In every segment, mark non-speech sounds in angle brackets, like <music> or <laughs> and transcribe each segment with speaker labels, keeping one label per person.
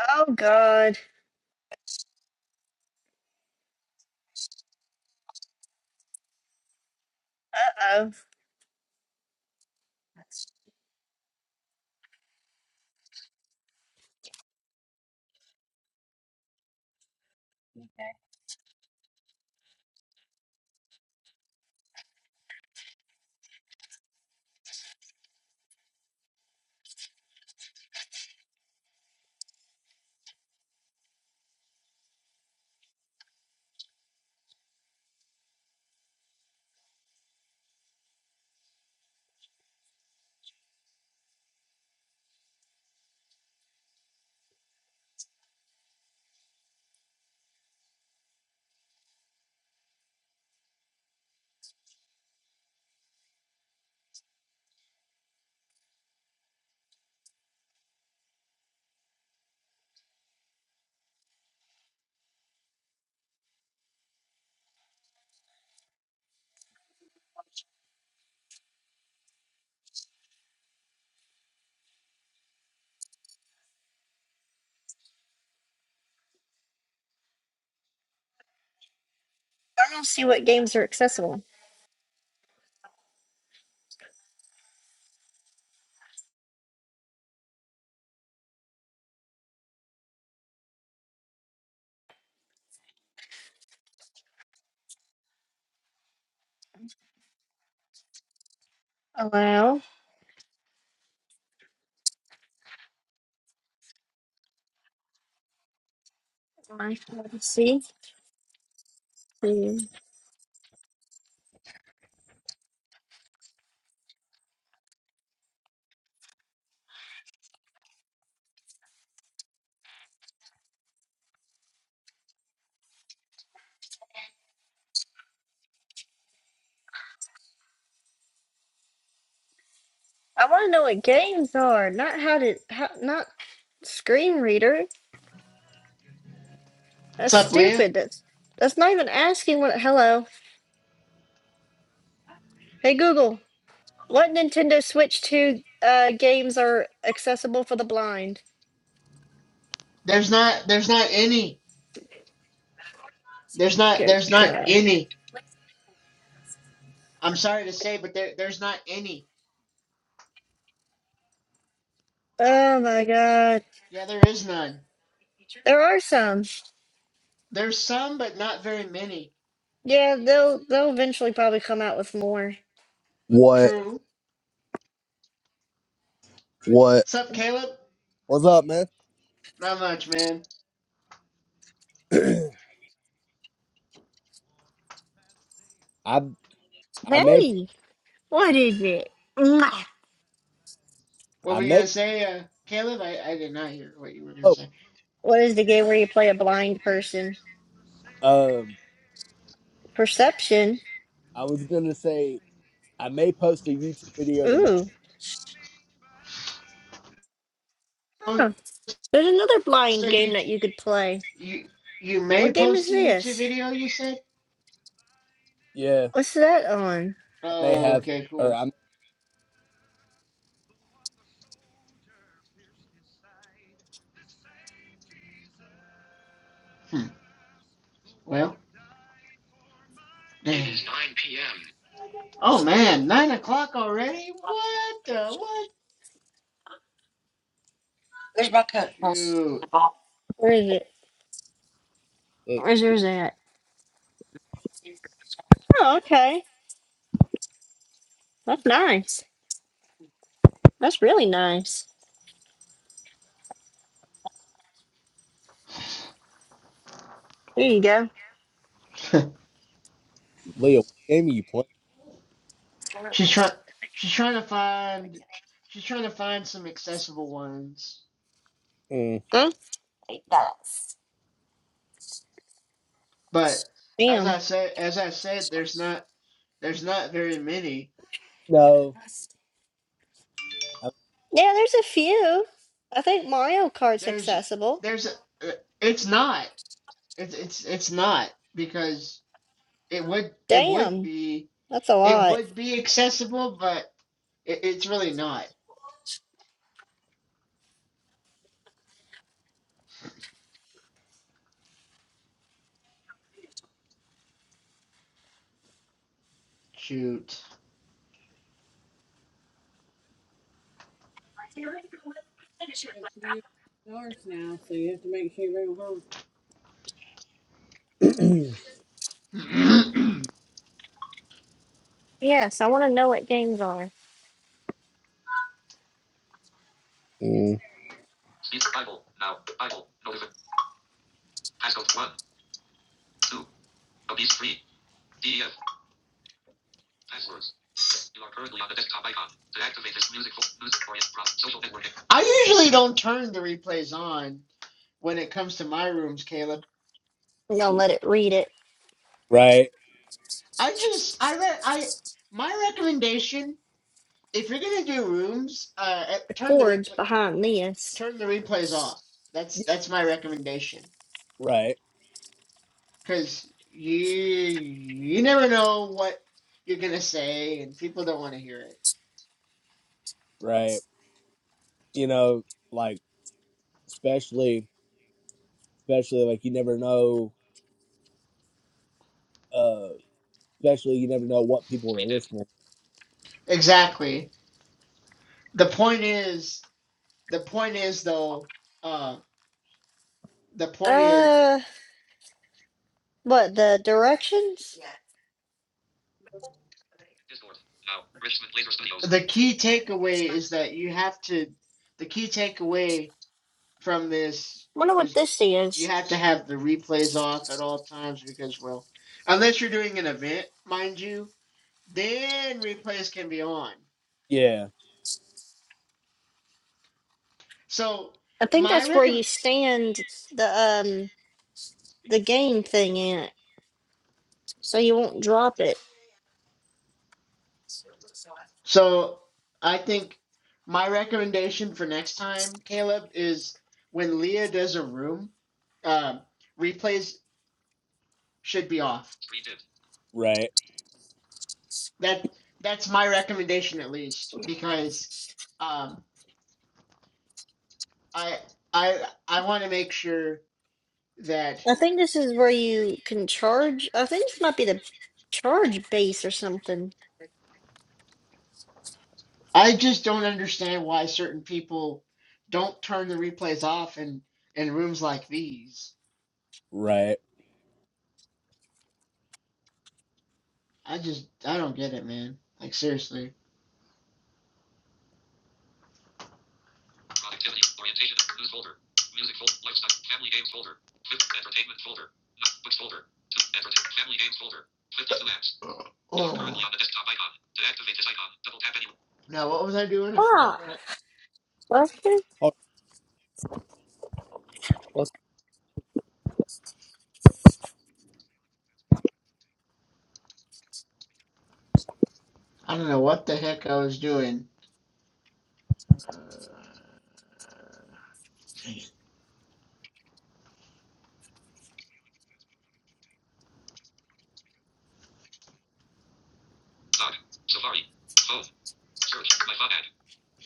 Speaker 1: Oh God. Uh oh. I don't see what games are accessible. Allow. My see. Hmm. I want to know what games are, not how to, how, not screen reader.
Speaker 2: What's
Speaker 1: That's
Speaker 2: up, Leah?
Speaker 1: stupid. That's that's not even asking what. Hello. Hey Google. What Nintendo Switch two uh, games are accessible for the blind?
Speaker 2: There's not there's not any. There's not
Speaker 1: Good
Speaker 2: there's not
Speaker 1: God.
Speaker 2: any. I'm sorry to say, but there there's not any.
Speaker 1: Oh my God.
Speaker 2: Yeah, there is none.
Speaker 1: There are some.
Speaker 2: There's some, but not very many.
Speaker 1: Yeah, they'll they'll eventually probably come out with more.
Speaker 3: What
Speaker 2: True.
Speaker 3: what
Speaker 2: What's up, Caleb?
Speaker 3: what's up, man?
Speaker 2: Not much, man.
Speaker 3: I I may
Speaker 1: Hey. What is it? Mwah.
Speaker 2: What
Speaker 3: I
Speaker 2: were you
Speaker 3: may
Speaker 2: gonna say, uh, Caleb? I, I did not hear what you were gonna
Speaker 3: oh
Speaker 2: say.
Speaker 1: What is the game where you play a blind person?
Speaker 3: um
Speaker 1: Perception.
Speaker 3: I was gonna say I may post a YouTube video tomorrow.
Speaker 1: Ooh.
Speaker 2: Post
Speaker 1: Huh. There's another
Speaker 2: a
Speaker 1: blind game that
Speaker 2: YouTube
Speaker 1: you could play.
Speaker 2: you you may
Speaker 1: What game is
Speaker 2: post a YouTube
Speaker 1: this?
Speaker 2: video, you said?
Speaker 3: Yeah,
Speaker 1: What's that on?
Speaker 3: I may
Speaker 2: Oh,
Speaker 3: have
Speaker 2: okay,
Speaker 3: or
Speaker 2: cool.
Speaker 3: I'm
Speaker 2: Hmm. Well, dang. It's nine p m. Oh man, nine o'clock already? What the what? Shoot.
Speaker 1: Where is it?
Speaker 3: uh,
Speaker 1: Where's yours at? Oh, okay. That's nice. That's really nice. There you go.
Speaker 2: <laughs>
Speaker 3: Leah, what game are you playing?
Speaker 2: she's trying. She's trying to find. She's trying to find some accessible ones.
Speaker 3: Mm,
Speaker 1: Huh?
Speaker 2: But as
Speaker 1: Damn.
Speaker 2: I said, as I said, there's not. There's not very many.
Speaker 3: no.
Speaker 1: Yeah, there's a few. I think Mario Kart's
Speaker 2: There's.
Speaker 1: accessible.
Speaker 2: There's. uh, It's not. It's. It's. It's not because it would. It would
Speaker 1: Damn.
Speaker 2: be.
Speaker 1: That's a
Speaker 2: It
Speaker 1: lot.
Speaker 2: would be accessible, but it, it's really not. Shoot.
Speaker 3: I'm- <clears throat>
Speaker 2: <clears throat> Speech
Speaker 1: Yes, I want to know what games are.
Speaker 3: Mm,
Speaker 2: Bible. Now. Bible. November. Passcode 1. 2. Obese 3. Passwords. You are currently on the desktop icon. To activate this music, music for social networking. I usually don't turn the replays on when it comes to my rooms, Caleb.
Speaker 1: I'm gonna let it read it.
Speaker 3: right.
Speaker 2: I just I re- I my recommendation if you're gonna do rooms, uh, eh,
Speaker 1: the
Speaker 2: turn the
Speaker 1: chords
Speaker 2: replay
Speaker 1: behind this.
Speaker 2: turn the replays off. That's
Speaker 3: Yeah,
Speaker 2: that's my recommendation
Speaker 3: Right.
Speaker 2: because you you never know what you're gonna say and people don't want to hear it.
Speaker 3: Right. You know, like especially especially like you never know uh especially you never know what people
Speaker 2: We
Speaker 3: are
Speaker 2: Redid.
Speaker 3: listening.
Speaker 2: Exactly. The point is The point is though, uh, the point is
Speaker 1: Uh, what the directions? Yeah.
Speaker 2: Discord. Now, Richmond Laser Studios. the key takeaway is that you have to the key takeaway from this
Speaker 1: Wonder what
Speaker 2: is
Speaker 1: this
Speaker 2: you
Speaker 1: is.
Speaker 2: have to have the replays off at all times because well unless you're doing an event mind you then replays can be on
Speaker 3: Yeah,
Speaker 2: so
Speaker 1: I think
Speaker 2: my
Speaker 1: that's where
Speaker 2: recommend
Speaker 1: you stand the um the game thing in it, so you won't drop it.
Speaker 2: So I think my recommendation for next time, Caleb, is when Leah does a room, um, replays should be off. We did.
Speaker 3: right,
Speaker 2: That that's my recommendation at least because um, I I I want to make sure that
Speaker 1: I think this is where you can charge. I think this might be the charge base or something.
Speaker 2: I just don't understand why certain people don't turn the replays off in in rooms like these.
Speaker 3: right.
Speaker 2: I just I don't get it, man. Like seriously. Productivity. Orientation. News folder. Music folder. Lifestyle. Family games folder. Fifth. Entertainment folder. No, books folder. Two. Entertainment. Family games folder. Fifth. Two apps. Oh. Currently Oh. on the desktop icon. To activate this icon, double tap any. Now, what was I doing? I forgot what I,
Speaker 1: Okay.
Speaker 2: I don't know what the heck I was doing. Uh, dang it. Doc. Safari. Phone. Search. My phone ad.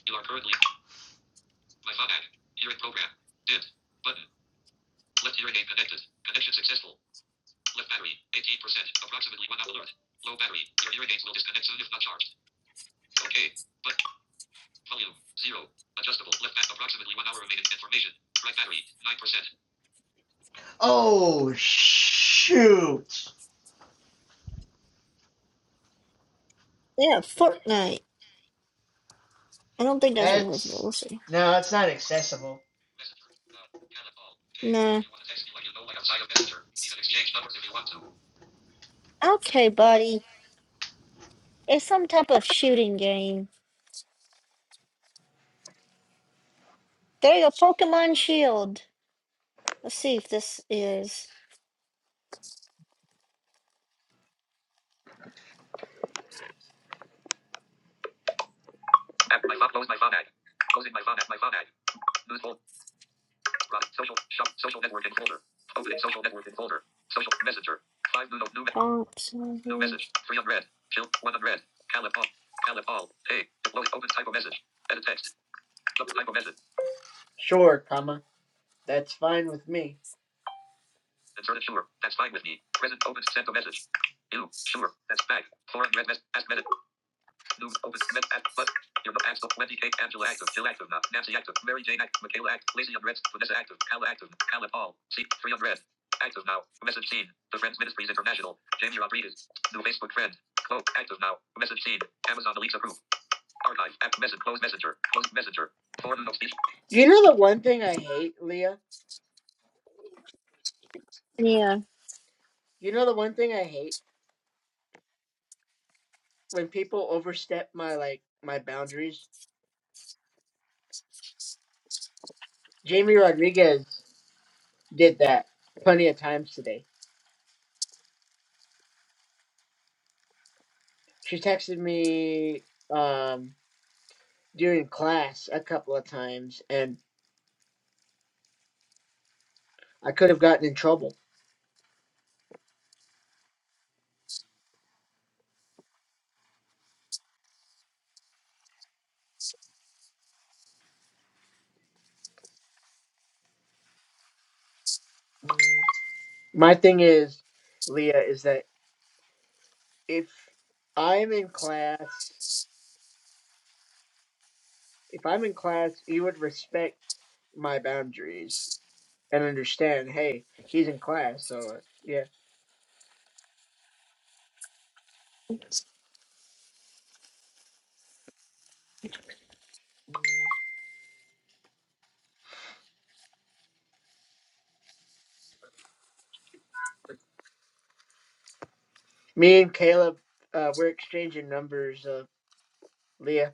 Speaker 2: You are currently. My phone ad. Hearing program. Did. Button. Left hearing aid connected. Connection successful. Left battery, 18%, approximately 1 hour alert. Low battery, your hearing aids will disconnect soon if not charged. Okay, but volume, 0. Adjustable, left back, approximately 1 hour remaining information. Right battery, 9%. Oh shoot!
Speaker 1: Yeah, Fortnite. I don't think that's what it was, but
Speaker 2: That's
Speaker 1: we'll see.
Speaker 2: no, it's not accessible. Messenger, uh, can I call? Hey, if
Speaker 1: Nah.
Speaker 2: you want to text me like you know like outside of Messenger, we can exchange numbers if you want to.
Speaker 1: Okay, buddy. It's some type of shooting game. There you go, Pokemon Shield. Let's see if this is.
Speaker 2: my phone, close my phone ad. Closing my phone app, my phone ad. News folder. Right. Social. Shop. Social networking folder. Opening social networking folder. Social messenger. Five new new
Speaker 1: Font
Speaker 2: new message.
Speaker 1: size.
Speaker 2: Three hundred. Chill. One hundred. Calip all. Calip all. Hey. Deploy. Open type of message. Edit text. Double type of message. Sure, comma. That's fine. Insert it. Sure. That's fine with me. Present. Open. Send a message. You. Sure. That's back. Four hundred. Mess. Ask message. New open comments at but your acts Wendy K. Angela active. Jill active. Nancy active. Mary Jane active. Michaela active. Lacey unread. Vanessa active. Kala active. Kala Paul. See three unread. Active now. Message seen. The Friends Ministries International. Jamie Rodriguez. New Facebook friend. Close. Active now. Message seen. Amazon Alexa group. Archive. App message. Close messenger. Close messenger. Form of speech. You know the one thing I hate, Leah.
Speaker 1: Yeah.
Speaker 2: You know the one thing I hate when people overstep my like my boundaries. Jamie Rodriguez did that plenty of times today. She texted me um, during class a couple of times, and I could have gotten in trouble. My thing is, Leah, is that if I'm in class, if I'm in class, you would respect my boundaries and understand, hey, he's in class, so uh, yeah. Me and Caleb, uh, we're exchanging numbers, uh, Leah.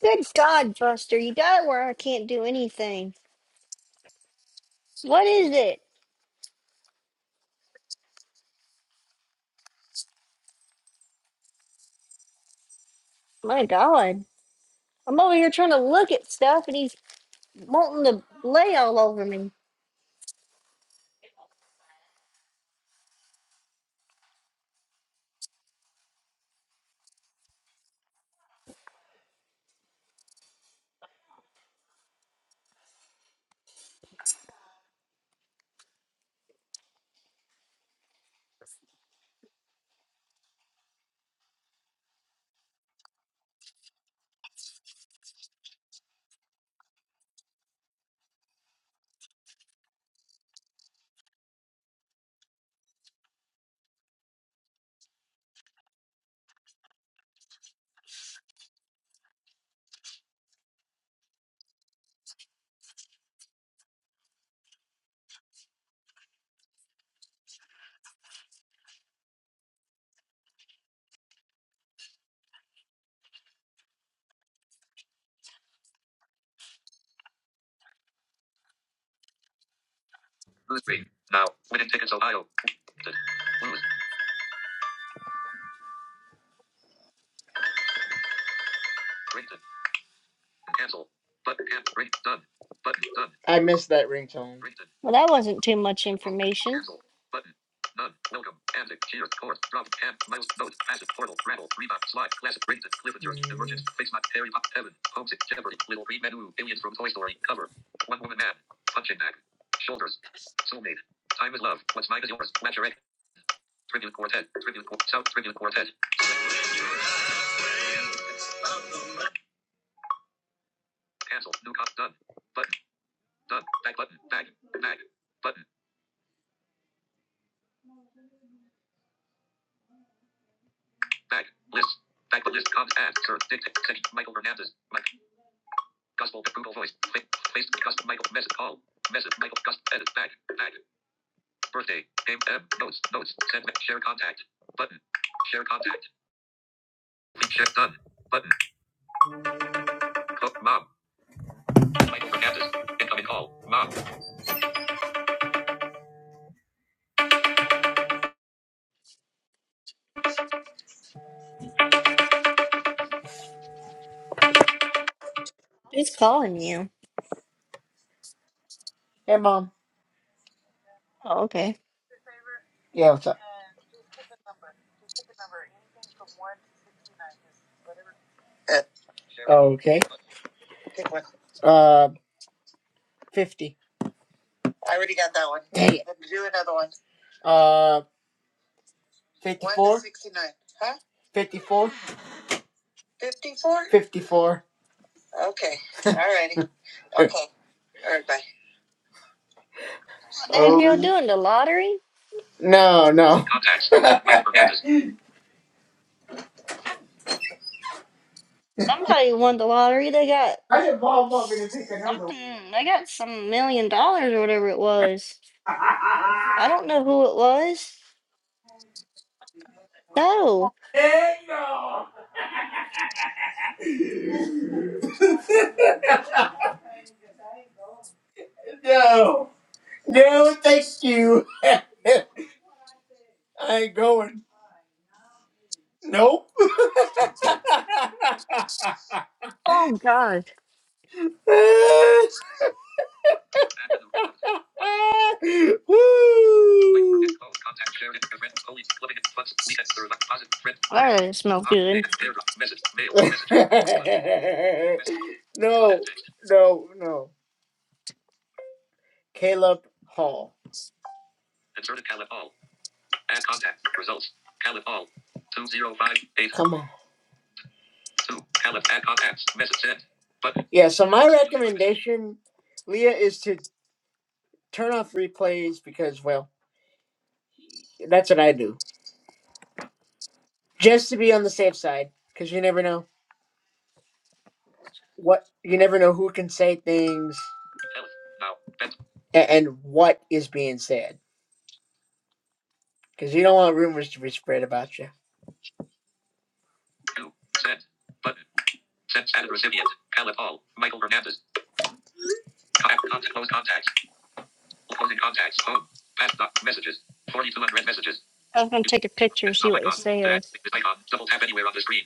Speaker 1: Good God, Buster, you got it where I can't do anything. What is it? My God. I'm over here trying to look at stuff and he's wanting to lay all over me.
Speaker 2: Three. Now. Winning tickets Ohio. Printed. Lose. Printed. Cancel. Button. ring. Done. Button. Done. I missed that ringtone.
Speaker 1: Well, that wasn't too much information.
Speaker 2: Cancel. Button. None. Welcome. Antic. Cheer. Course. Drop. Hand. Mouse. Note. Passage. Portal. Rattle. Rebound. Slide. Classic. Rated. Cliffhanger. Mm. Emergence. Face. Not. Harry. Pop. Heaven. Homesick. Jeopardy. Little. Green Menu. Aliens from Toy Story. Cover. One woman man. Punching bag. Shoulders. Soulmate. Time is love. What's mine is yours. Flatulate. Tribute Quartet. Tribute Quartet. South Tribute Quartet. Cancel. New cop. Done. Button. Done. Back button. Back. Back. Button. Back. List. Back the list. Cons. Add. Search. Dictate. Michael Hernandez. Mike. Gospel. Approval voice. Click. Place. Custom. Michael. Message. Call. Message. Michael. Custom. Edit. Back. Back. Birthday. Name. M. Notes. Notes. Send. Share contact. Button. Share contact. Link. Share done. Button. Co- mom. Michael Hernandez. Incoming call. Mom.
Speaker 1: Who's calling you?
Speaker 2: Hey, mom.
Speaker 1: Oh, okay.
Speaker 2: Yeah, what's up? Uh, okay. Pick one. Uh, 50. I already got that one. Dang it. Do another one. Uh, 54? 1 to 69. Huh? 54? 54? 54. Okay. All righty. <laughs> Okay. All right. Bye.
Speaker 1: What the heck y'all
Speaker 2: Oh,
Speaker 1: doing? The lottery?
Speaker 2: no, no. Contacts. <laughs> My
Speaker 1: Somebody won the lottery. They got
Speaker 2: I didn't Bob want me to take another one.
Speaker 1: something, they got some million dollars or whatever it was.
Speaker 2: <laughs>
Speaker 1: I don't know who it was. No.
Speaker 2: Hey, no. <laughs> No, thank you. <laughs> I ain't going. Nope.
Speaker 1: Oh, God.
Speaker 2: <laughs> <laughs> Woo! <laughs>
Speaker 1: That doesn't smell good.
Speaker 2: no, no, no. Caleb Hall. Inserted Calif all. Add contact. Results. Caleb Hall. 2058. Come on. 2. Caleb. add contacts. Message sent. But Yeah, so my recommendation, Leah, is to turn off replays because, well, that's what I do. just to be on the safe side, because you never know what you never know who can say things and, and what is being said, because you don't want rumors to be spread about you. two, send, button, send, send recipient, Alan Paul, Michael Hernandez, contact, close contacts, closing contacts, home, pass, messages, Forty two hundred messages,
Speaker 1: I was gonna take a picture and
Speaker 2: desktop
Speaker 1: see what it
Speaker 2: icon,
Speaker 1: says.
Speaker 2: deactivate icon, double tap anywhere on the screen,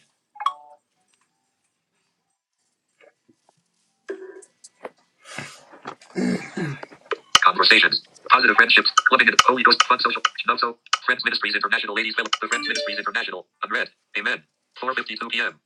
Speaker 2: Conversations. Positive friendships. Clubbing and Holy Ghost Fun Social. Chinozzo. Friends Ministries International Ladies Will. The Friends Ministries International. Unread. Amen. 4.52 p.m.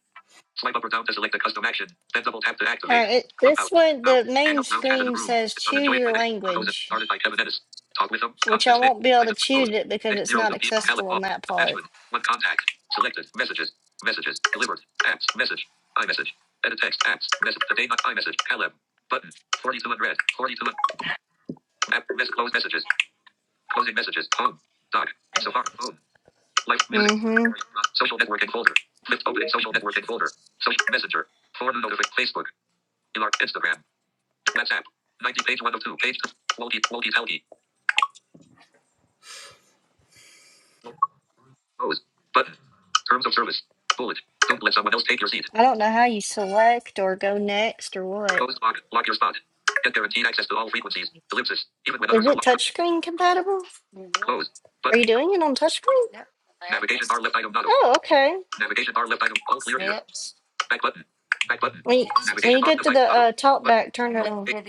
Speaker 2: Swipe up or down to select a custom action. Then double tap to
Speaker 1: All
Speaker 2: activate.
Speaker 1: right, it, this
Speaker 2: Clubhouse.
Speaker 1: one,
Speaker 2: Now.
Speaker 1: the
Speaker 2: Hang
Speaker 1: main
Speaker 2: up now chat in the
Speaker 1: screen
Speaker 2: room.
Speaker 1: says
Speaker 2: It's on
Speaker 1: choose
Speaker 2: enjoy by
Speaker 1: your
Speaker 2: next. Tacos and
Speaker 1: language,
Speaker 2: started by Kevin Ennis. Talk with them.
Speaker 1: which I
Speaker 2: Constance Smith.
Speaker 1: won't be able
Speaker 2: I
Speaker 1: to
Speaker 2: did my
Speaker 1: choose
Speaker 2: code.
Speaker 1: it because it's not
Speaker 2: 602 p.m. Palette
Speaker 1: accessible on
Speaker 2: all.
Speaker 1: that part.
Speaker 2: Attachment. One contact. Selected. Messages. Messages. Delivered. Apps. Message. iMessage. Edit text. Apps. Message. The day not iMessage. Caleb. Button. 42 unread. 42 app. Mess- close messages. Closing messages. Home. Doc. Safari. Home. Like music.
Speaker 1: Mm-hmm.
Speaker 2: Social networking folder. Click opening social networking folder. Social messenger. Forum notification. Facebook. Elart. Instagram. WhatsApp. 90 page 102. Page. Loki. Loki. Telki. Pose. Button. Terms of service. Bullet. Don't let someone else take your seat.
Speaker 1: I don't know how you select or go next or what.
Speaker 2: Close log. Lock your spot. Get guaranteed access to all frequencies. Ellipsis. Even when
Speaker 1: Is
Speaker 2: others are
Speaker 1: it
Speaker 2: locked out.
Speaker 1: touchscreen compatible?
Speaker 2: Close.
Speaker 1: Are
Speaker 2: Button.
Speaker 1: you doing it on touchscreen? No.
Speaker 2: Navigation bar left item not.
Speaker 1: Oh, okay.
Speaker 2: Navigation bar left item. All clear here. Back button. Back button.
Speaker 1: When you, when
Speaker 2: Navigation
Speaker 1: you
Speaker 2: bar
Speaker 1: get
Speaker 2: left
Speaker 1: to the
Speaker 2: item not.
Speaker 1: uh, talk back, turn it on.
Speaker 2: Button.
Speaker 1: I didn't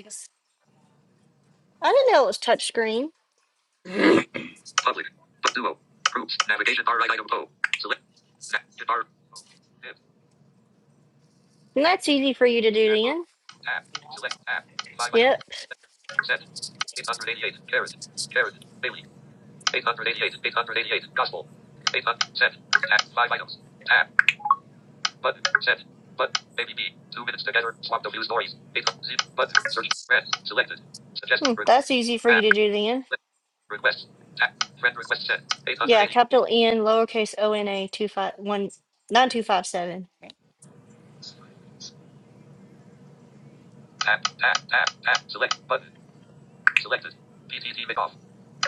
Speaker 1: know it was touchscreen.
Speaker 2: Public. Bu- Duo. Groups. Navigation bar right item O. Select. Navigation bar. O. Div.
Speaker 1: And that's easy for you to do then.
Speaker 2: Tab. Select tab. Five items.
Speaker 1: Yep.
Speaker 2: Set. 888. Carrot. Carrot. Bailey. 888. 888. Gospel. 800. Set. Tab. Five items. Tab. Button. Set. But. Baby B. Two minutes together. Swap the view stories. 800. Zip. Button. Search. Red. Selected. Suggest.
Speaker 1: Hmm,
Speaker 2: Re-
Speaker 1: that's easy for you
Speaker 2: tab.
Speaker 1: to do then.
Speaker 2: Request. Tab. Friend request set.
Speaker 1: Yeah,
Speaker 2: 880.
Speaker 1: capital N, lowercase O N A two five one nine two five seven.
Speaker 2: Tab. Tab. Tab. Tab. Select. Button. Selected. PTT make off.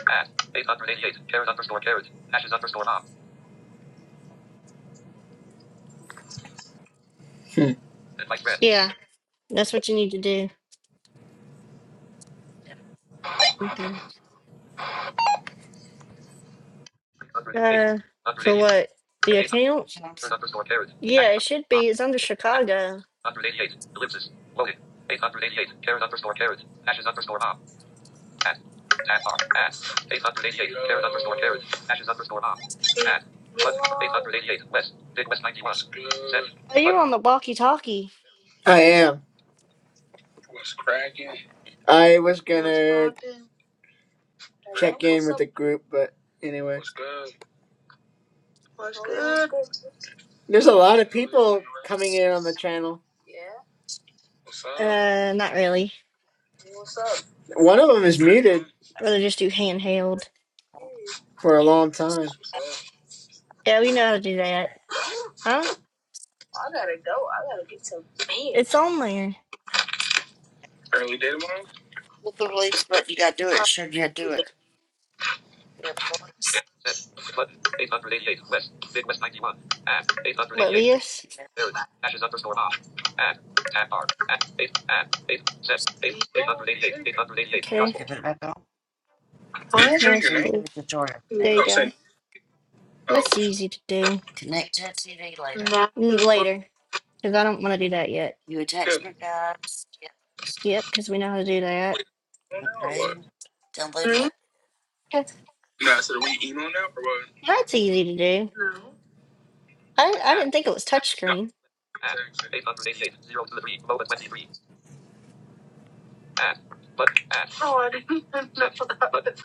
Speaker 2: Add. 888. Carrot underscore carrot. Ashes underscore mom. Advice read.
Speaker 1: Yeah, that's what you need to do. Okay.
Speaker 2: 888. 188. 8.
Speaker 1: Uh,
Speaker 2: hundred eighty-eight. Hundred
Speaker 1: for
Speaker 2: eighty-eight.
Speaker 1: what? The
Speaker 2: Eight
Speaker 1: account?
Speaker 2: Carrot underscore carrot.
Speaker 1: Yeah,
Speaker 2: Ashes
Speaker 1: it
Speaker 2: underscore
Speaker 1: should
Speaker 2: mom.
Speaker 1: be. It's under Chicago.
Speaker 2: 188. Ellipsis. Loading. 888. Carrot underscore carrot. Ashes underscore mom. Add. Add bar. Add. 888. Carrot underscore carrot. Ashes underscore mom. Add. Button. 888. West. Big West 91. Send.
Speaker 1: Oh,
Speaker 2: But
Speaker 1: you're on the walkie-talkie.
Speaker 2: I am. What's cracking? I was gonna check in with the group, but anyway. What's good? What's good? There's a lot of people coming in on the channel. What's up?
Speaker 1: Uh, not really.
Speaker 2: One of them is muted
Speaker 1: I'd rather just do handheld.
Speaker 2: for a long time. What's up?
Speaker 1: Yeah, we know how to do that. Huh? It's on there.
Speaker 2: Early day tomorrow? Yes. 888. West. Big West 91. At
Speaker 1: What,
Speaker 2: 888.
Speaker 1: this?
Speaker 2: Area. Ashes underscore off. At. Tab bar. At. 8. At. 8. Set. 8. 888. 888.
Speaker 1: Okay.
Speaker 2: Gospel. What? Did you change
Speaker 1: Let's
Speaker 2: your name?
Speaker 1: do. There
Speaker 2: No,
Speaker 1: you
Speaker 2: I'm
Speaker 1: go.
Speaker 2: saying. Oh.
Speaker 1: That's easy to do. Mm,
Speaker 2: Nash's mom.
Speaker 1: Later, because I don't want to do that yet.
Speaker 2: Good.
Speaker 1: Yep, because we know how to do that.
Speaker 2: Emo now or what?
Speaker 1: Okay.
Speaker 2: No, I said, are we emo now or what?
Speaker 1: That's easy to do.
Speaker 2: No.
Speaker 1: I, I didn't think it was
Speaker 2: At.
Speaker 1: touchscreen.
Speaker 2: Add. 808. 0 to the 3. Low at 23. Add. But add. Oh, I didn't know that.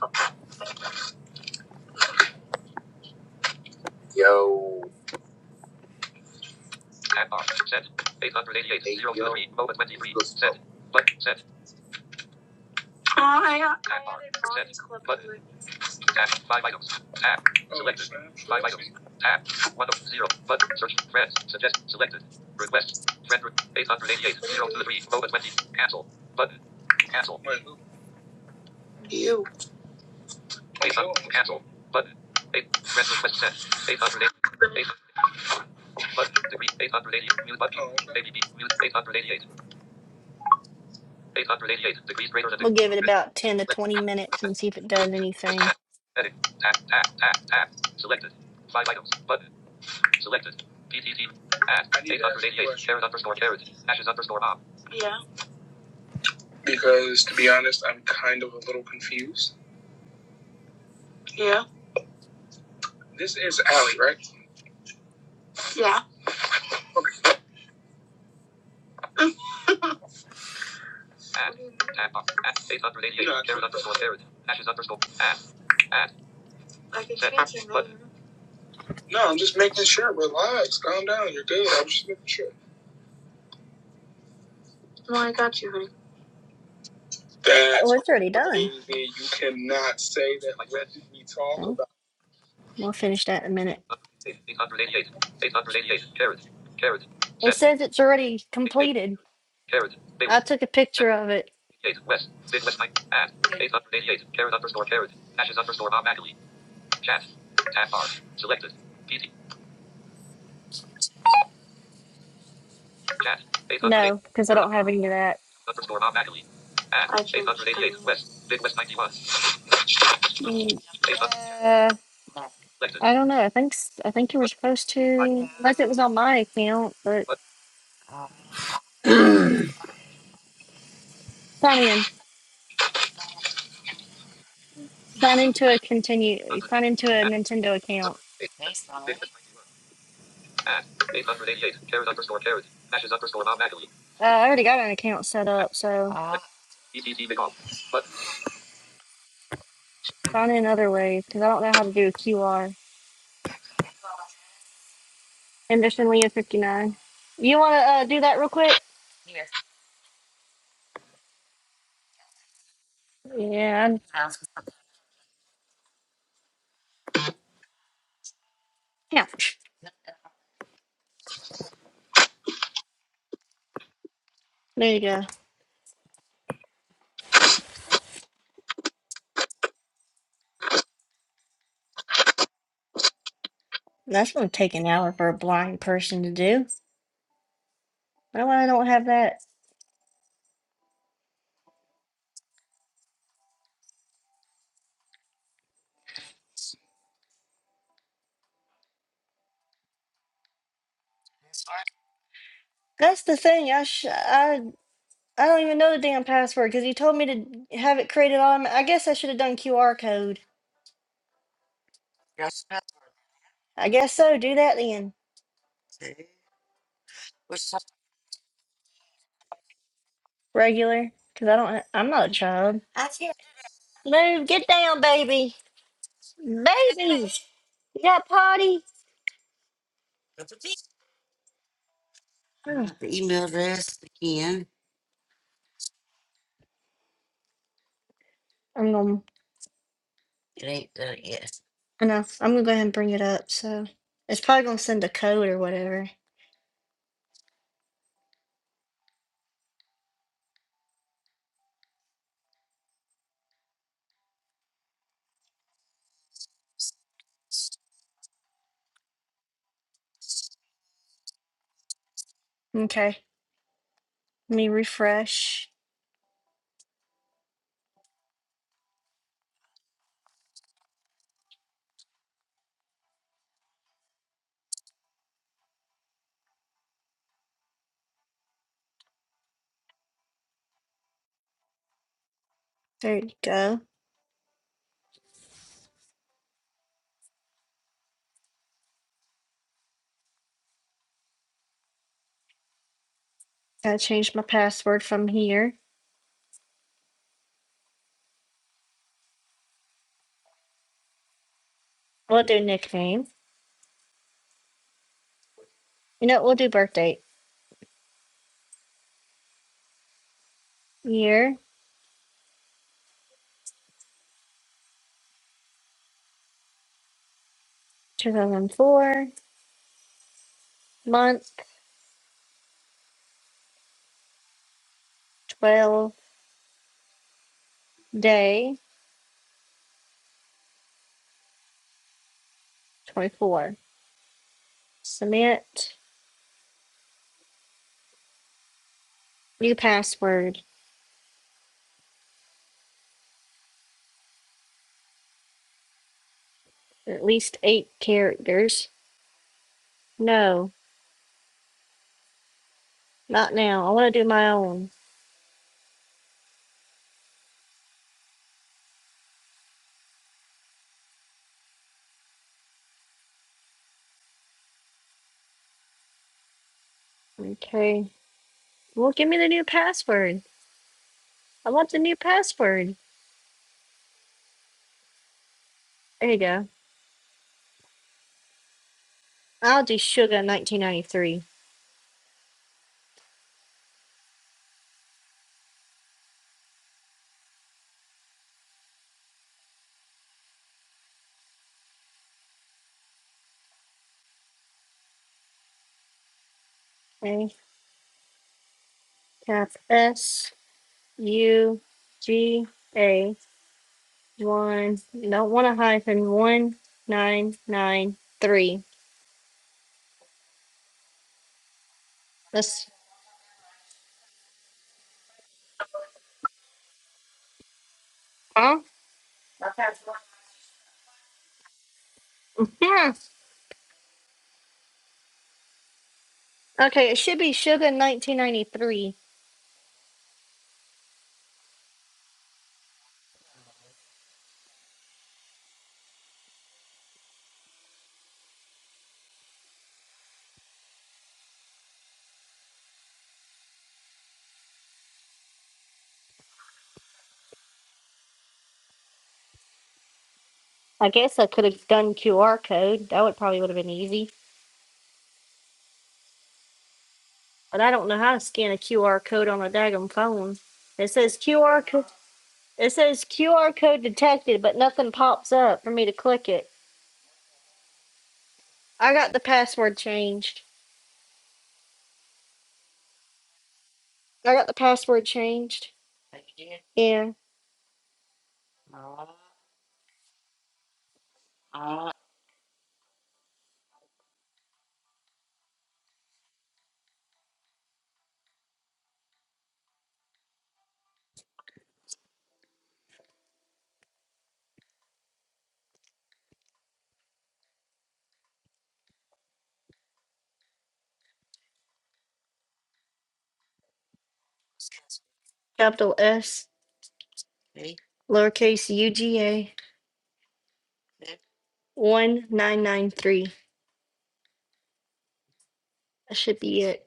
Speaker 2: Add bar. Set. 888. 0 to the 3. Low at 23. Set. But set. Oh, I, I Add bar. Set. these clips. But Tab. Five items. Tab. Selected. Five items. Tab. One of zero. Button. Search. Friends. Suggest. Selected. Request. Friend. re- 888. to the 3. Low at 20. Cancel. Button. Cancel. You. Eight hundred. Cancel. Button. Eight. Friend request sent. Eight hundred eight. Eight. Plus degree. Eight hundred eighty. Mute button. Oh, okay. Baby B. Mute. Eight hundred eighty-eight. Eight hundred eighty-eight. Degrees greater than.
Speaker 1: We'll give it about 10 to 20 minutes and see if it does anything.
Speaker 2: Edit. Tap. Tap. Tap. Tap. Selected. Five items. Button. Selected. PTT. Add. I need to ask you a Eight hundred eighty-eight. question. Carrot underscore carrot. Ashes underscore mom. Yeah. Because to be honest, I'm kind of a little confused. Yeah. This is Allie, right? Yeah. Okay. <laughs> Add. Add. up, Add. 888. Karen underscore Karen. Ashes underscore. Add. Add. Like No, I'm just making sure. Relax. Calm down. You're good. I'm just making sure. No, I got you, honey.
Speaker 1: Oh,
Speaker 2: That's
Speaker 1: it's already done.
Speaker 2: crazy. You cannot say that. Like What did we talk
Speaker 1: Okay.
Speaker 2: about?
Speaker 1: We'll finish that in a minute.
Speaker 2: 888. 888. Carrot. Carrot.
Speaker 1: It
Speaker 2: Set.
Speaker 1: says it's already
Speaker 2: 88.
Speaker 1: completed.
Speaker 2: Carrot.
Speaker 1: I
Speaker 2: Bailey.
Speaker 1: took a
Speaker 2: Set.
Speaker 1: picture of it.
Speaker 2: 88. West. Big West Mike. Add. 888. Carrot underscore carrot. Ashes underscore Bob Ackley. Chat. Tab bar. Selected. PT. Chat. 888.
Speaker 1: No, because I
Speaker 2: Arizona.
Speaker 1: don't have any of that.
Speaker 2: Bob McAlee. At I changed 888 West. Big West 91. 800.
Speaker 1: Mm,
Speaker 2: Chat.
Speaker 1: Uh,
Speaker 2: Selected.
Speaker 1: I don't know. I think s- I think you were supposed to, unless
Speaker 2: Selected.
Speaker 1: it was on my account, but
Speaker 2: But-
Speaker 1: sign in. Sign into a continue. Sign into a Nintendo account.
Speaker 2: Big West 91. At 888. Carrot underscore carrot. Ashes underscore Bob McAlee.
Speaker 1: Uh, I already got an account set
Speaker 2: At-
Speaker 1: up, so
Speaker 2: Big Off. But-
Speaker 1: sign in other ways because I don't know how to do a QR. Henderson Leah 59. You want to uh, do that real quick? Yeah. I'm- Yeah. There you go. That's going to take an hour for a blind person to do. I don't, I don't have that. That's the thing. I, sh- I I don't even know the damn password because he told me to have it created on. I guess I should have done QR code. I guess so. Do that then. Regular. Because I don't, ha- I'm not a child. Move, get down, baby. Baby. Yeah, party. Mm. I'm gonna. I know. I'm gonna go ahead and bring it up. So it's probably gonna send a code or whatever. Okay. Let me refresh. There you go. Gotta change my password from here. We'll do nickname. You know, we'll do birth date. Year 2004. Month 12. Day 24. Submit. New password. At least eight characters. No, not now. I want to do my own. Okay. Well, give me the new password. I want the new password. There you go. I'll do sugar 1993. Okay. Tap S U G A one. Don't want a hyphen. One nine nine three. That's huh? Yeah. Okay. It should be sugar 1993. I guess I could have done QR code. That would probably would have been easy. But I don't know how to scan a QR code on a daggum phone. It says QR code. It says QR code detected, but nothing pops up for me to click it. I got the password changed. I got the password changed. Yeah. Capital S, lowercase UGA, 1993. That should be it.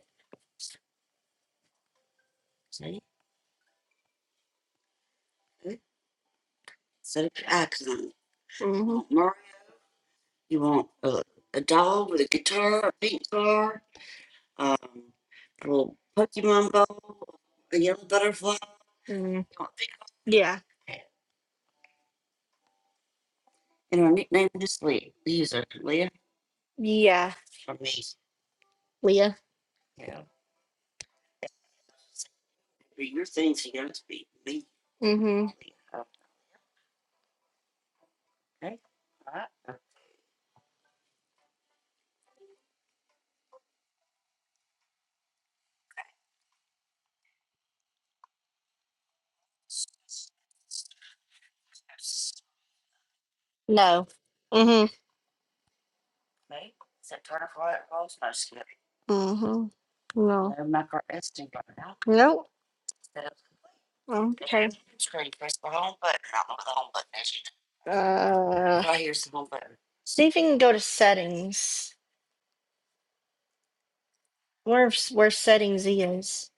Speaker 1: hmm Mm. Yeah. Yeah. Leah. Mm-hmm. No. Mm-hmm. Mm-hmm. No. Nope. Okay. Uh, see if you can go to settings. Where where settings is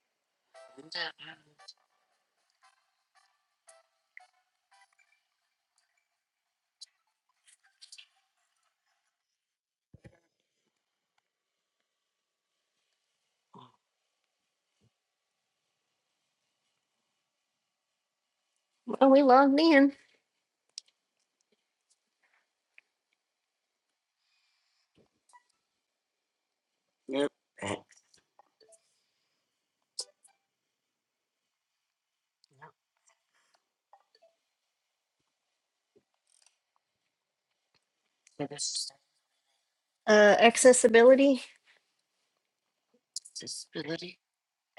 Speaker 1: Oh, we logged in. uh accessibility?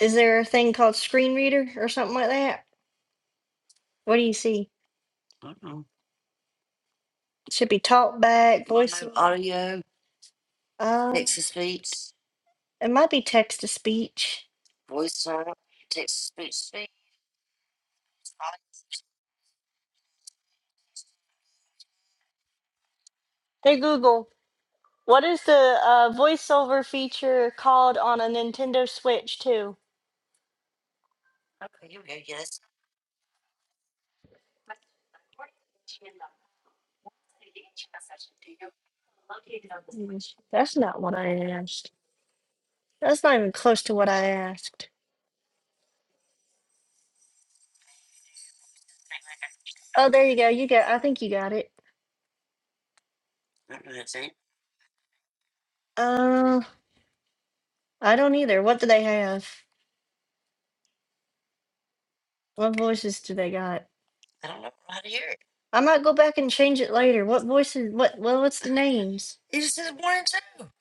Speaker 1: Is there a thing called screen reader or something like that? What do you see? Should be talk back, voice. Um, it might be text to speech. Hey Google, what is the uh, voiceover feature called on a Nintendo Switch too? That's not even close to what I asked. Oh, there you go. You got. I think you got it. Uh, I don't either. What do they have? What voices do they got? I might go back and change it later. What voices? What? Well, what's the names?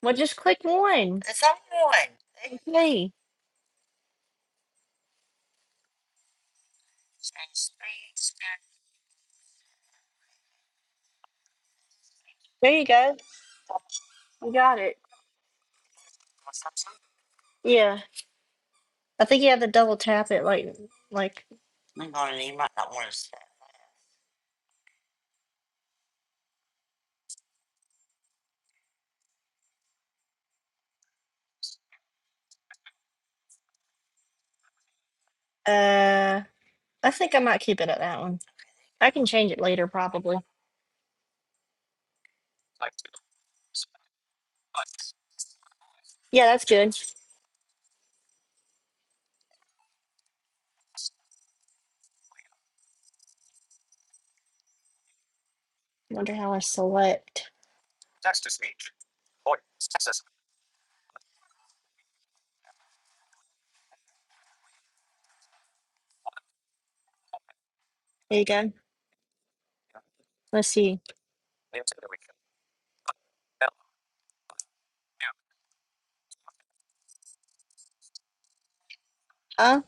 Speaker 1: Well, just click one. It's on one. Okay. there you go. You got it. Yeah, I think you have to double tap it. Like, like. Uh, I think I might keep it at that one. I can change it later, probably. Yeah, that's good. Wonder how I select. There you go. Let's see. Huh?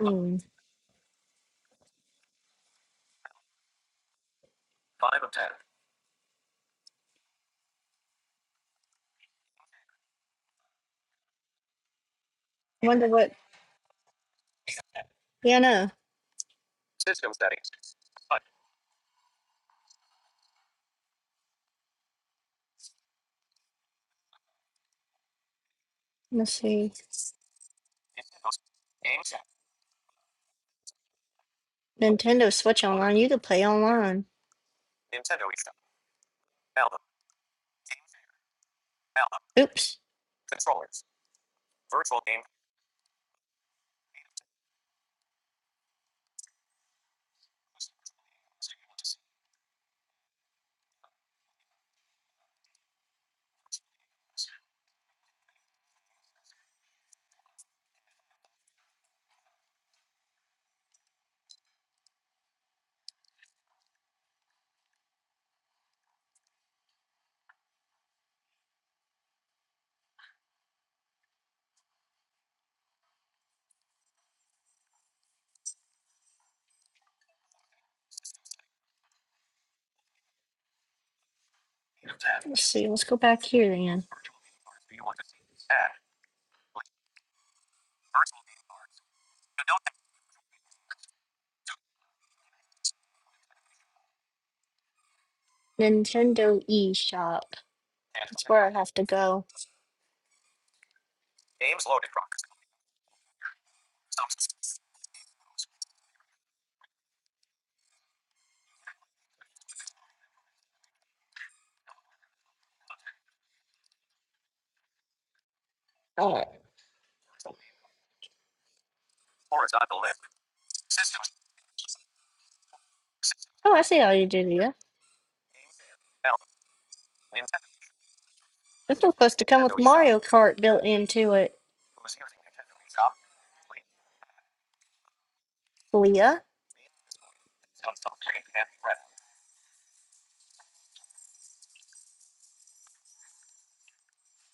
Speaker 1: Hmm. Wonder what piano. Let's see. Nintendo Switch Online. You can play online. Oops. Let's see. Let's go back here then. Nintendo eShop. That's where I have to go. Oh, I see how you do here. This was supposed to come with Mario Kart built into it, Leah.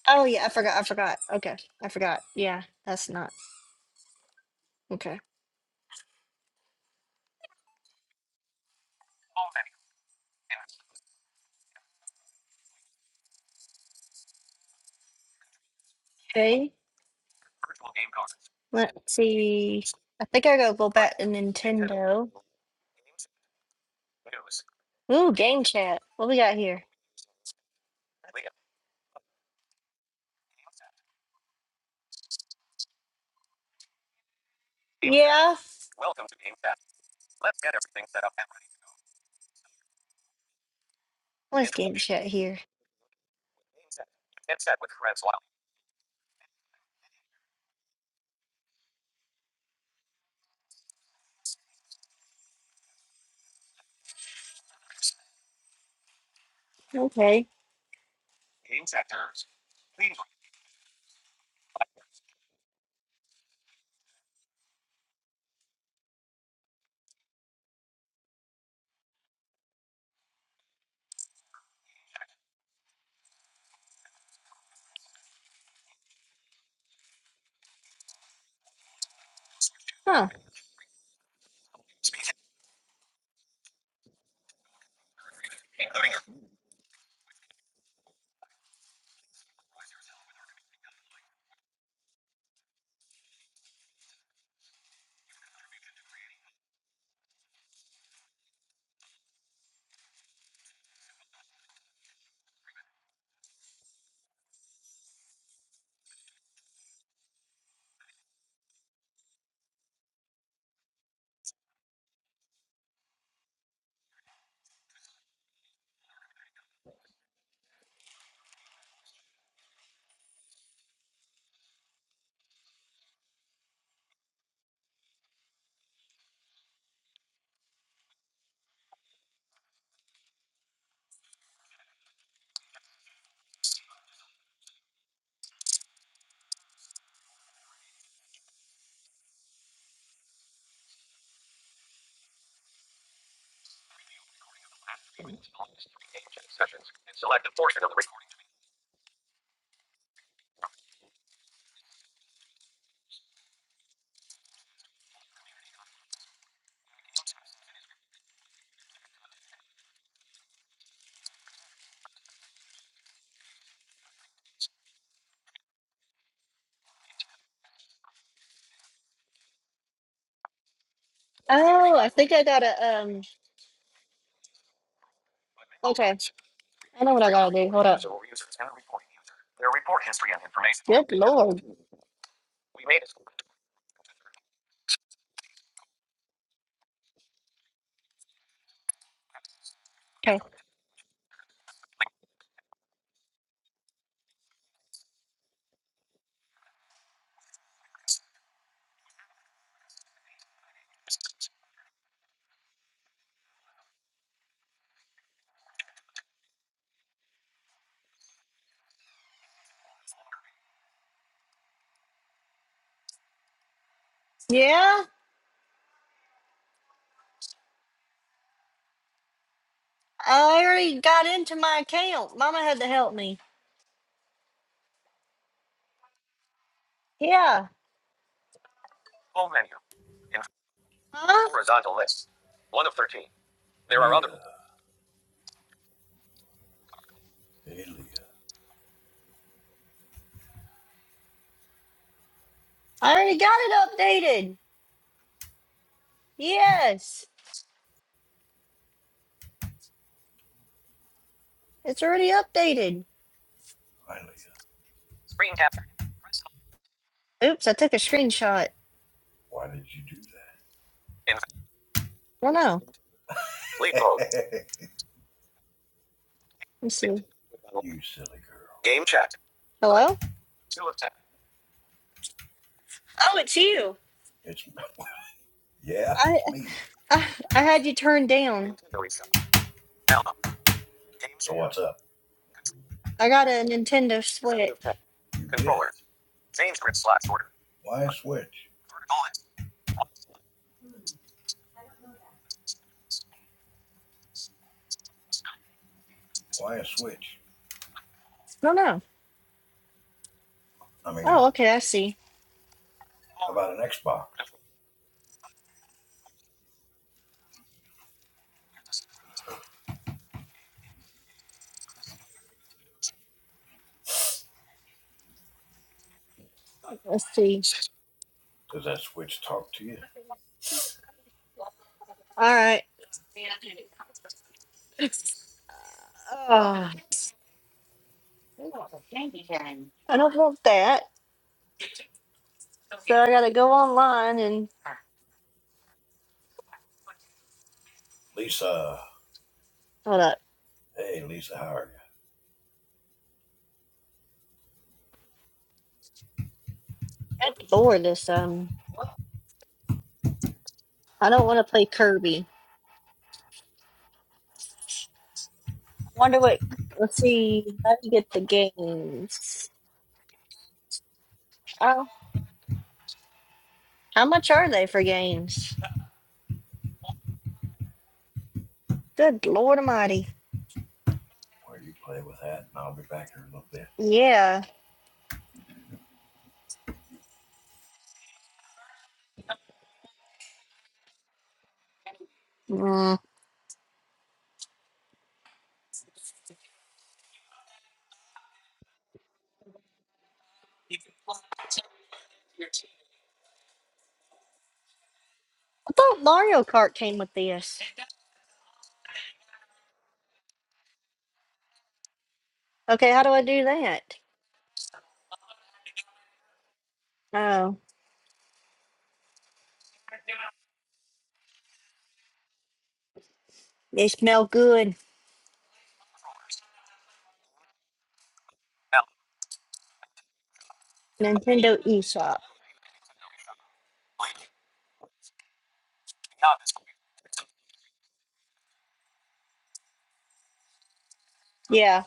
Speaker 1: Oh yeah, I forgot. I forgot. Okay, I forgot. Yeah, that's not okay. Okay, let's see. I think I gotta go back to Nintendo. Ooh, game chat. What we got here? Yeah, what's game chat here? Okay. Huh. Oh, I think I gotta um. Okay. I know what I gotta do. Hold up. Eligible users and report user. Their report history and information. Good lord. Okay. Yeah, I already got into my account. Mama had to help me. Yeah. Huh? Horizontal list.
Speaker 4: Leah, hey Leah,
Speaker 1: I already got it updated. Yes. It's already updated.
Speaker 4: hi Leah.
Speaker 1: Oops, I took a screenshot.
Speaker 4: Why did you do that?
Speaker 1: Oh no. Let's see.
Speaker 4: You silly girl.
Speaker 1: Hello? Oh, it's you.
Speaker 4: It's <laughs> yeah,
Speaker 1: I
Speaker 4: it's me.
Speaker 1: I, I had you turned down. Nintendo is-
Speaker 4: So what's up?
Speaker 1: I got a Nintendo Switch.
Speaker 4: You did. Why a switch? Why a switch?
Speaker 1: No, no.
Speaker 4: I
Speaker 1: Oh,
Speaker 4: mean,
Speaker 1: okay. I see.
Speaker 4: how about an Xbox?
Speaker 1: Let's see.
Speaker 4: Does that switch talk to you?
Speaker 1: All right. Oh, I don't want that. So I gotta go online and
Speaker 4: Lisa,
Speaker 1: hold up.
Speaker 4: hey Lisa, how are you?
Speaker 1: I Lord, this um. I don't want to play Kirby. Wonder what. Let's see. How do you get the games? Oh, how much are they for games? Good Lord Almighty.
Speaker 4: Well, you play with that, and I'll be back in a little bit.
Speaker 1: Yeah. Mm. I thought Mario Kart came with this. Okay, how do I do that? Oh, they smell good. Nintendo eShop. Yeah,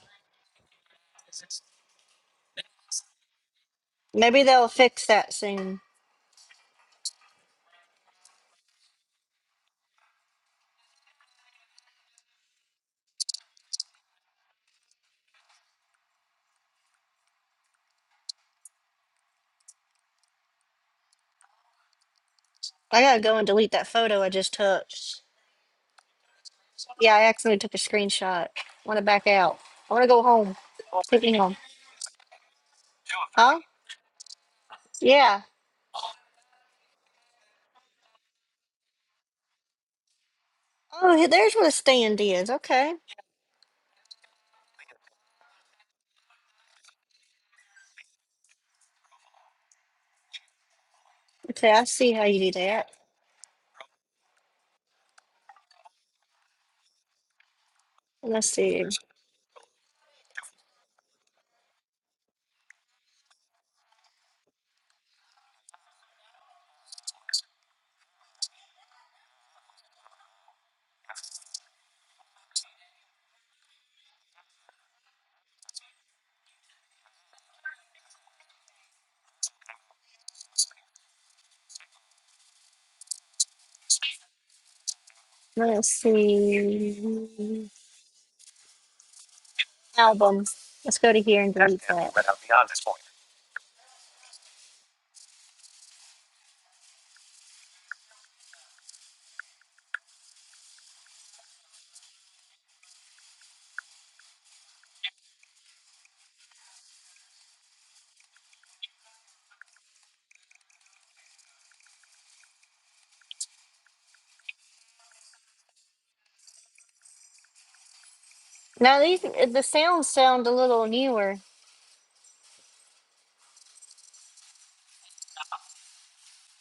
Speaker 1: maybe they'll fix that soon. I gotta go and delete that photo I just took. Yeah, I accidentally took a screenshot. Want to back out? I want to go home. Take me home. Huh? Yeah. Oh, he- there's where the stand is. Okay. Okay, I see how you do that. Let's see. Let's see. Albums. Let's go to here and delete that. Now these the sounds sound a little newer.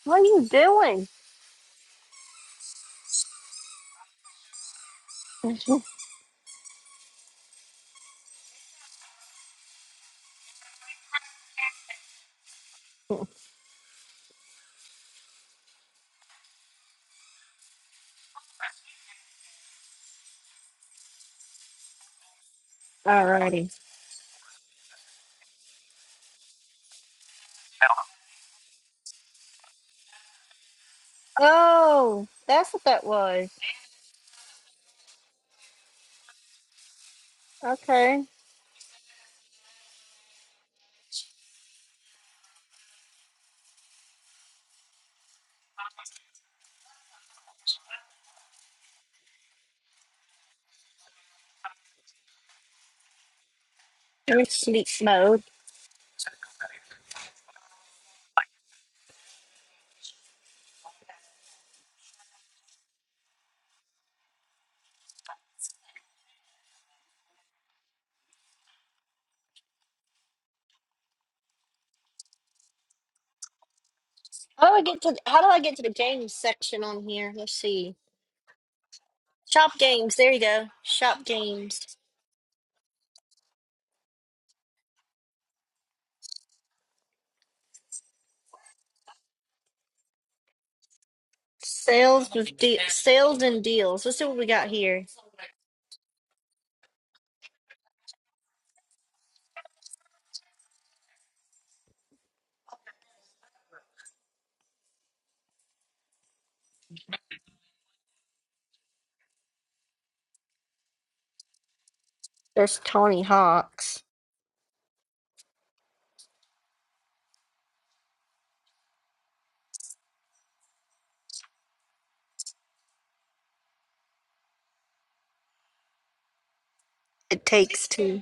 Speaker 1: What are you doing? <laughs> Alrighty. Oh, that's what that was. Okay. Let me sleep mode. How do I get to how do I get to the games section on here? Let's see. Shop games. There you go. Shop games. Sales with de- sales and deals. Let's see what we got here. There's Tony Hawk's. It takes two.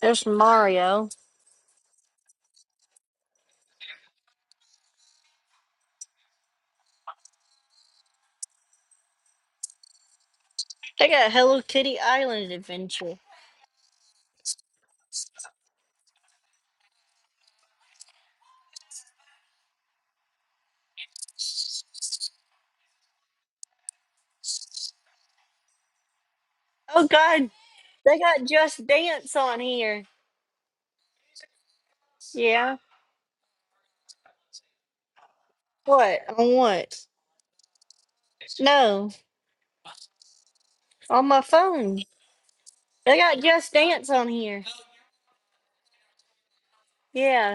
Speaker 1: There's Mario. They got Hello Kitty Island Adventure. Oh God, they got Just Dance on here. Yeah. What? On what? No, on my phone. They got Just Dance on here. Yeah.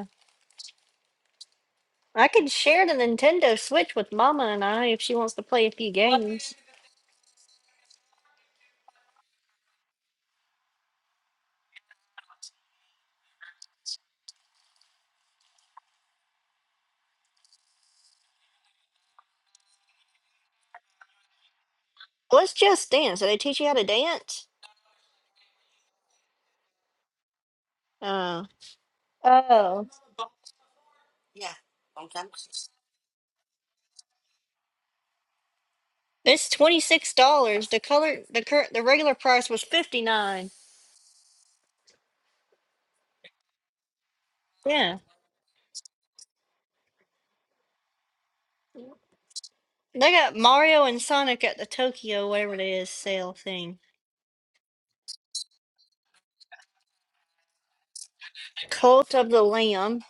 Speaker 1: I could share the Nintendo Switch with Mama and I if she wants to play a few games. What's Just Dance? Do they teach you how to dance? Oh. Oh, It's twenty six dollars. The color, the current, the regular price was fifty nine. Yeah, they got Mario and Sonic at the Tokyo whatever it is sale thing. Cult of the Lamb.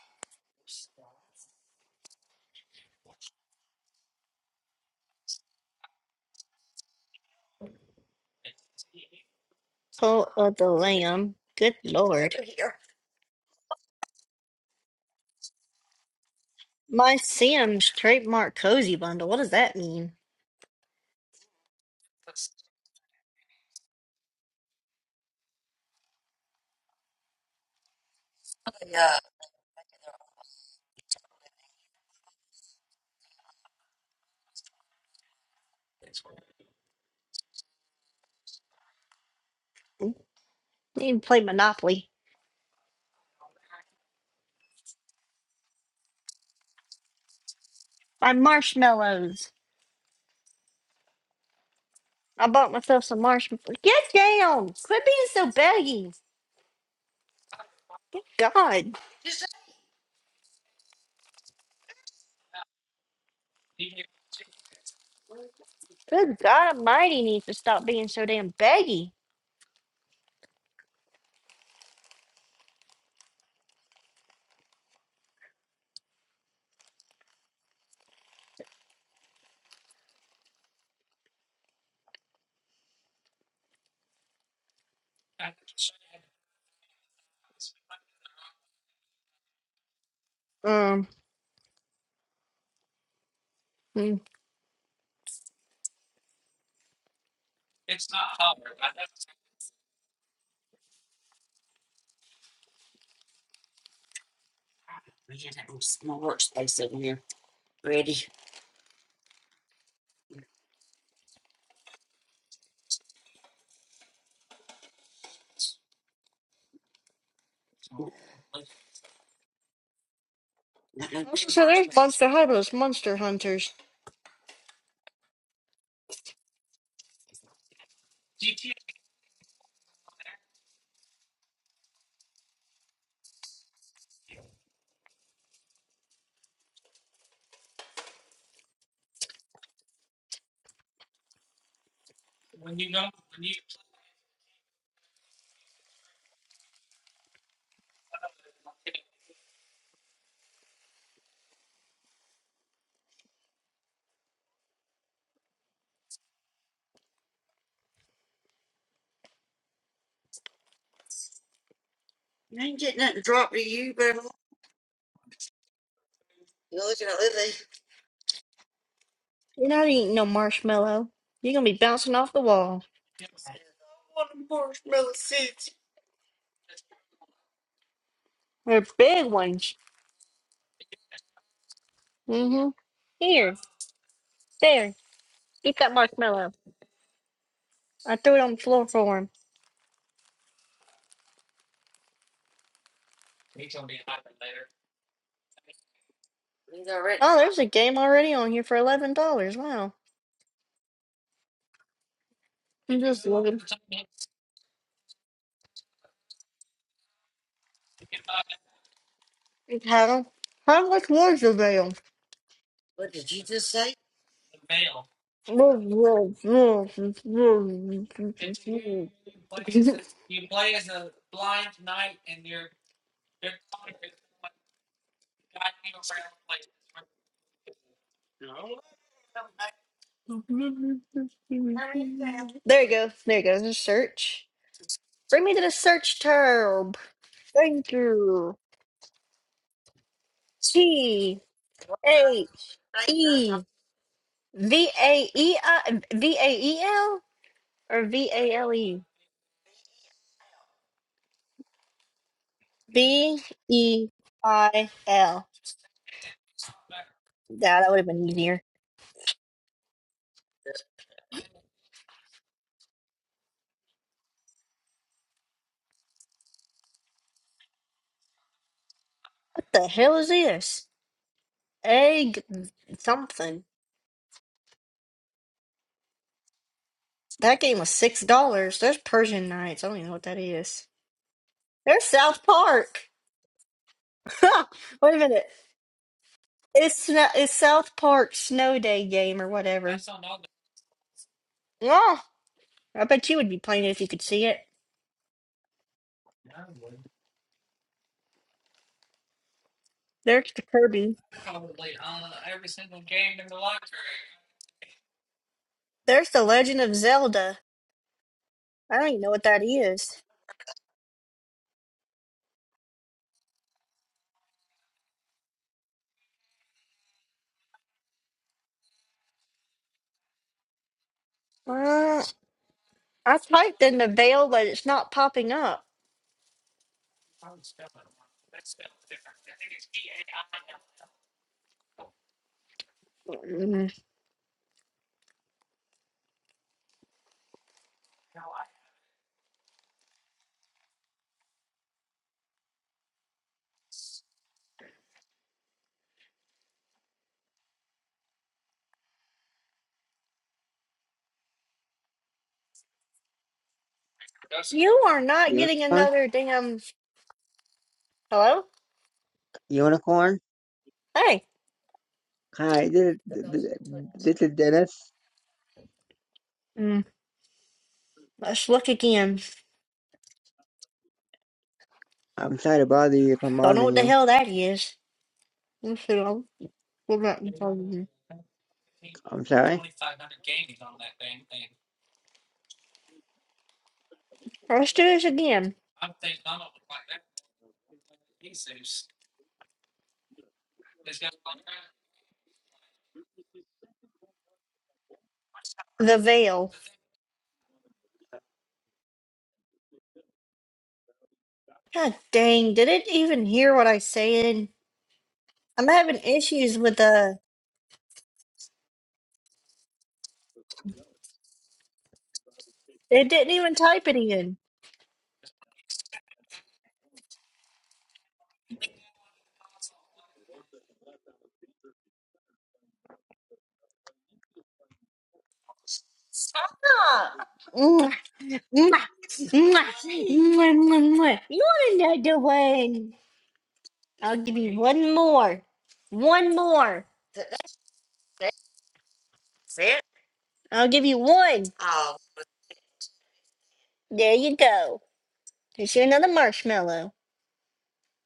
Speaker 1: Cult of the Lamb. Good lord. My Sims trademark cozy bundle. What does that mean? Need to play Monopoly. My marshmallows. I bought myself some marshmallows. Get down! Quit being so baggy. Good God. Good God Almighty needs to stop being so damn baggy. Um. hmm. Also, so there's Monster High, those Monster Hunters. You're not eating no marshmallow. You're gonna be bouncing off the wall. They're big ones. Mm-hmm. Here, there. Eat that marshmallow. I threw it on the floor for him. Oh, there's a game already on here for eleven dollars. Wow. I'm just looking. How how much was the veil? There you go. There you go. There's a search. Bring me to the search tab. Thank you. T A E V A E I V A E L or V A L E V E I L. Yeah, that would have been easier. What the hell is this? Egg something. That game was six dollars. There's Persian Nights. I don't even know what that is. There's South Park. <laughs> Wait a minute. It's snow, it's South Park Snow Day game or whatever. Yeah. I bet you would be playing it if you could see it. There's the Kirby. There's the Legend of Zelda. I don't even know what that is. Uh, I typed in the veil, but it's not popping up. Mm. You are not getting
Speaker 5: Unicorn?
Speaker 1: another damn. Hello?
Speaker 5: Unicorn?
Speaker 1: Hey.
Speaker 5: Hi, this is, this is Dennis.
Speaker 1: Mm, Let's look again.
Speaker 5: I'm sorry to bother you if I'm
Speaker 1: Don't know
Speaker 5: bothering
Speaker 1: what the
Speaker 5: you.
Speaker 1: hell that is. Let's see. I'll go back and tell you.
Speaker 5: I'm sorry.
Speaker 1: Let's do this again. The veil. God dang, did it even hear what I said? I'm having issues with the. It didn't even type it in. Mwah, mwah, mwah, mwah, mwah, mwah. You want another one? I'll give you one more. One more. I'll give you one. There you go. Here's you another marshmallow.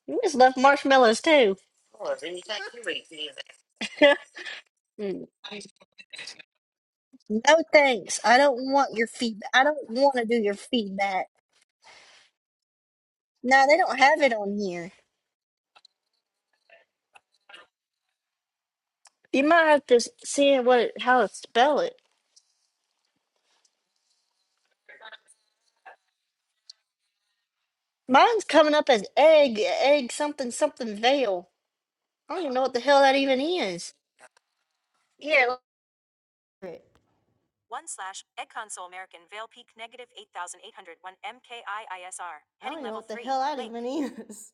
Speaker 1: You just left marshmallows too. <laughs> Mm, No thanks. I don't want your feedback. I don't want to do your feedback. No, they don't have it on here. You might have to s- see what it- how to spell it. Mine's coming up as egg, egg something something veil. I don't even know what the hell that even is. Yeah. look at it. I don't even know what the hell that even is.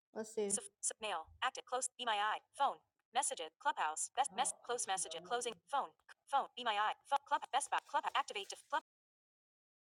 Speaker 1: <laughs> Let's see.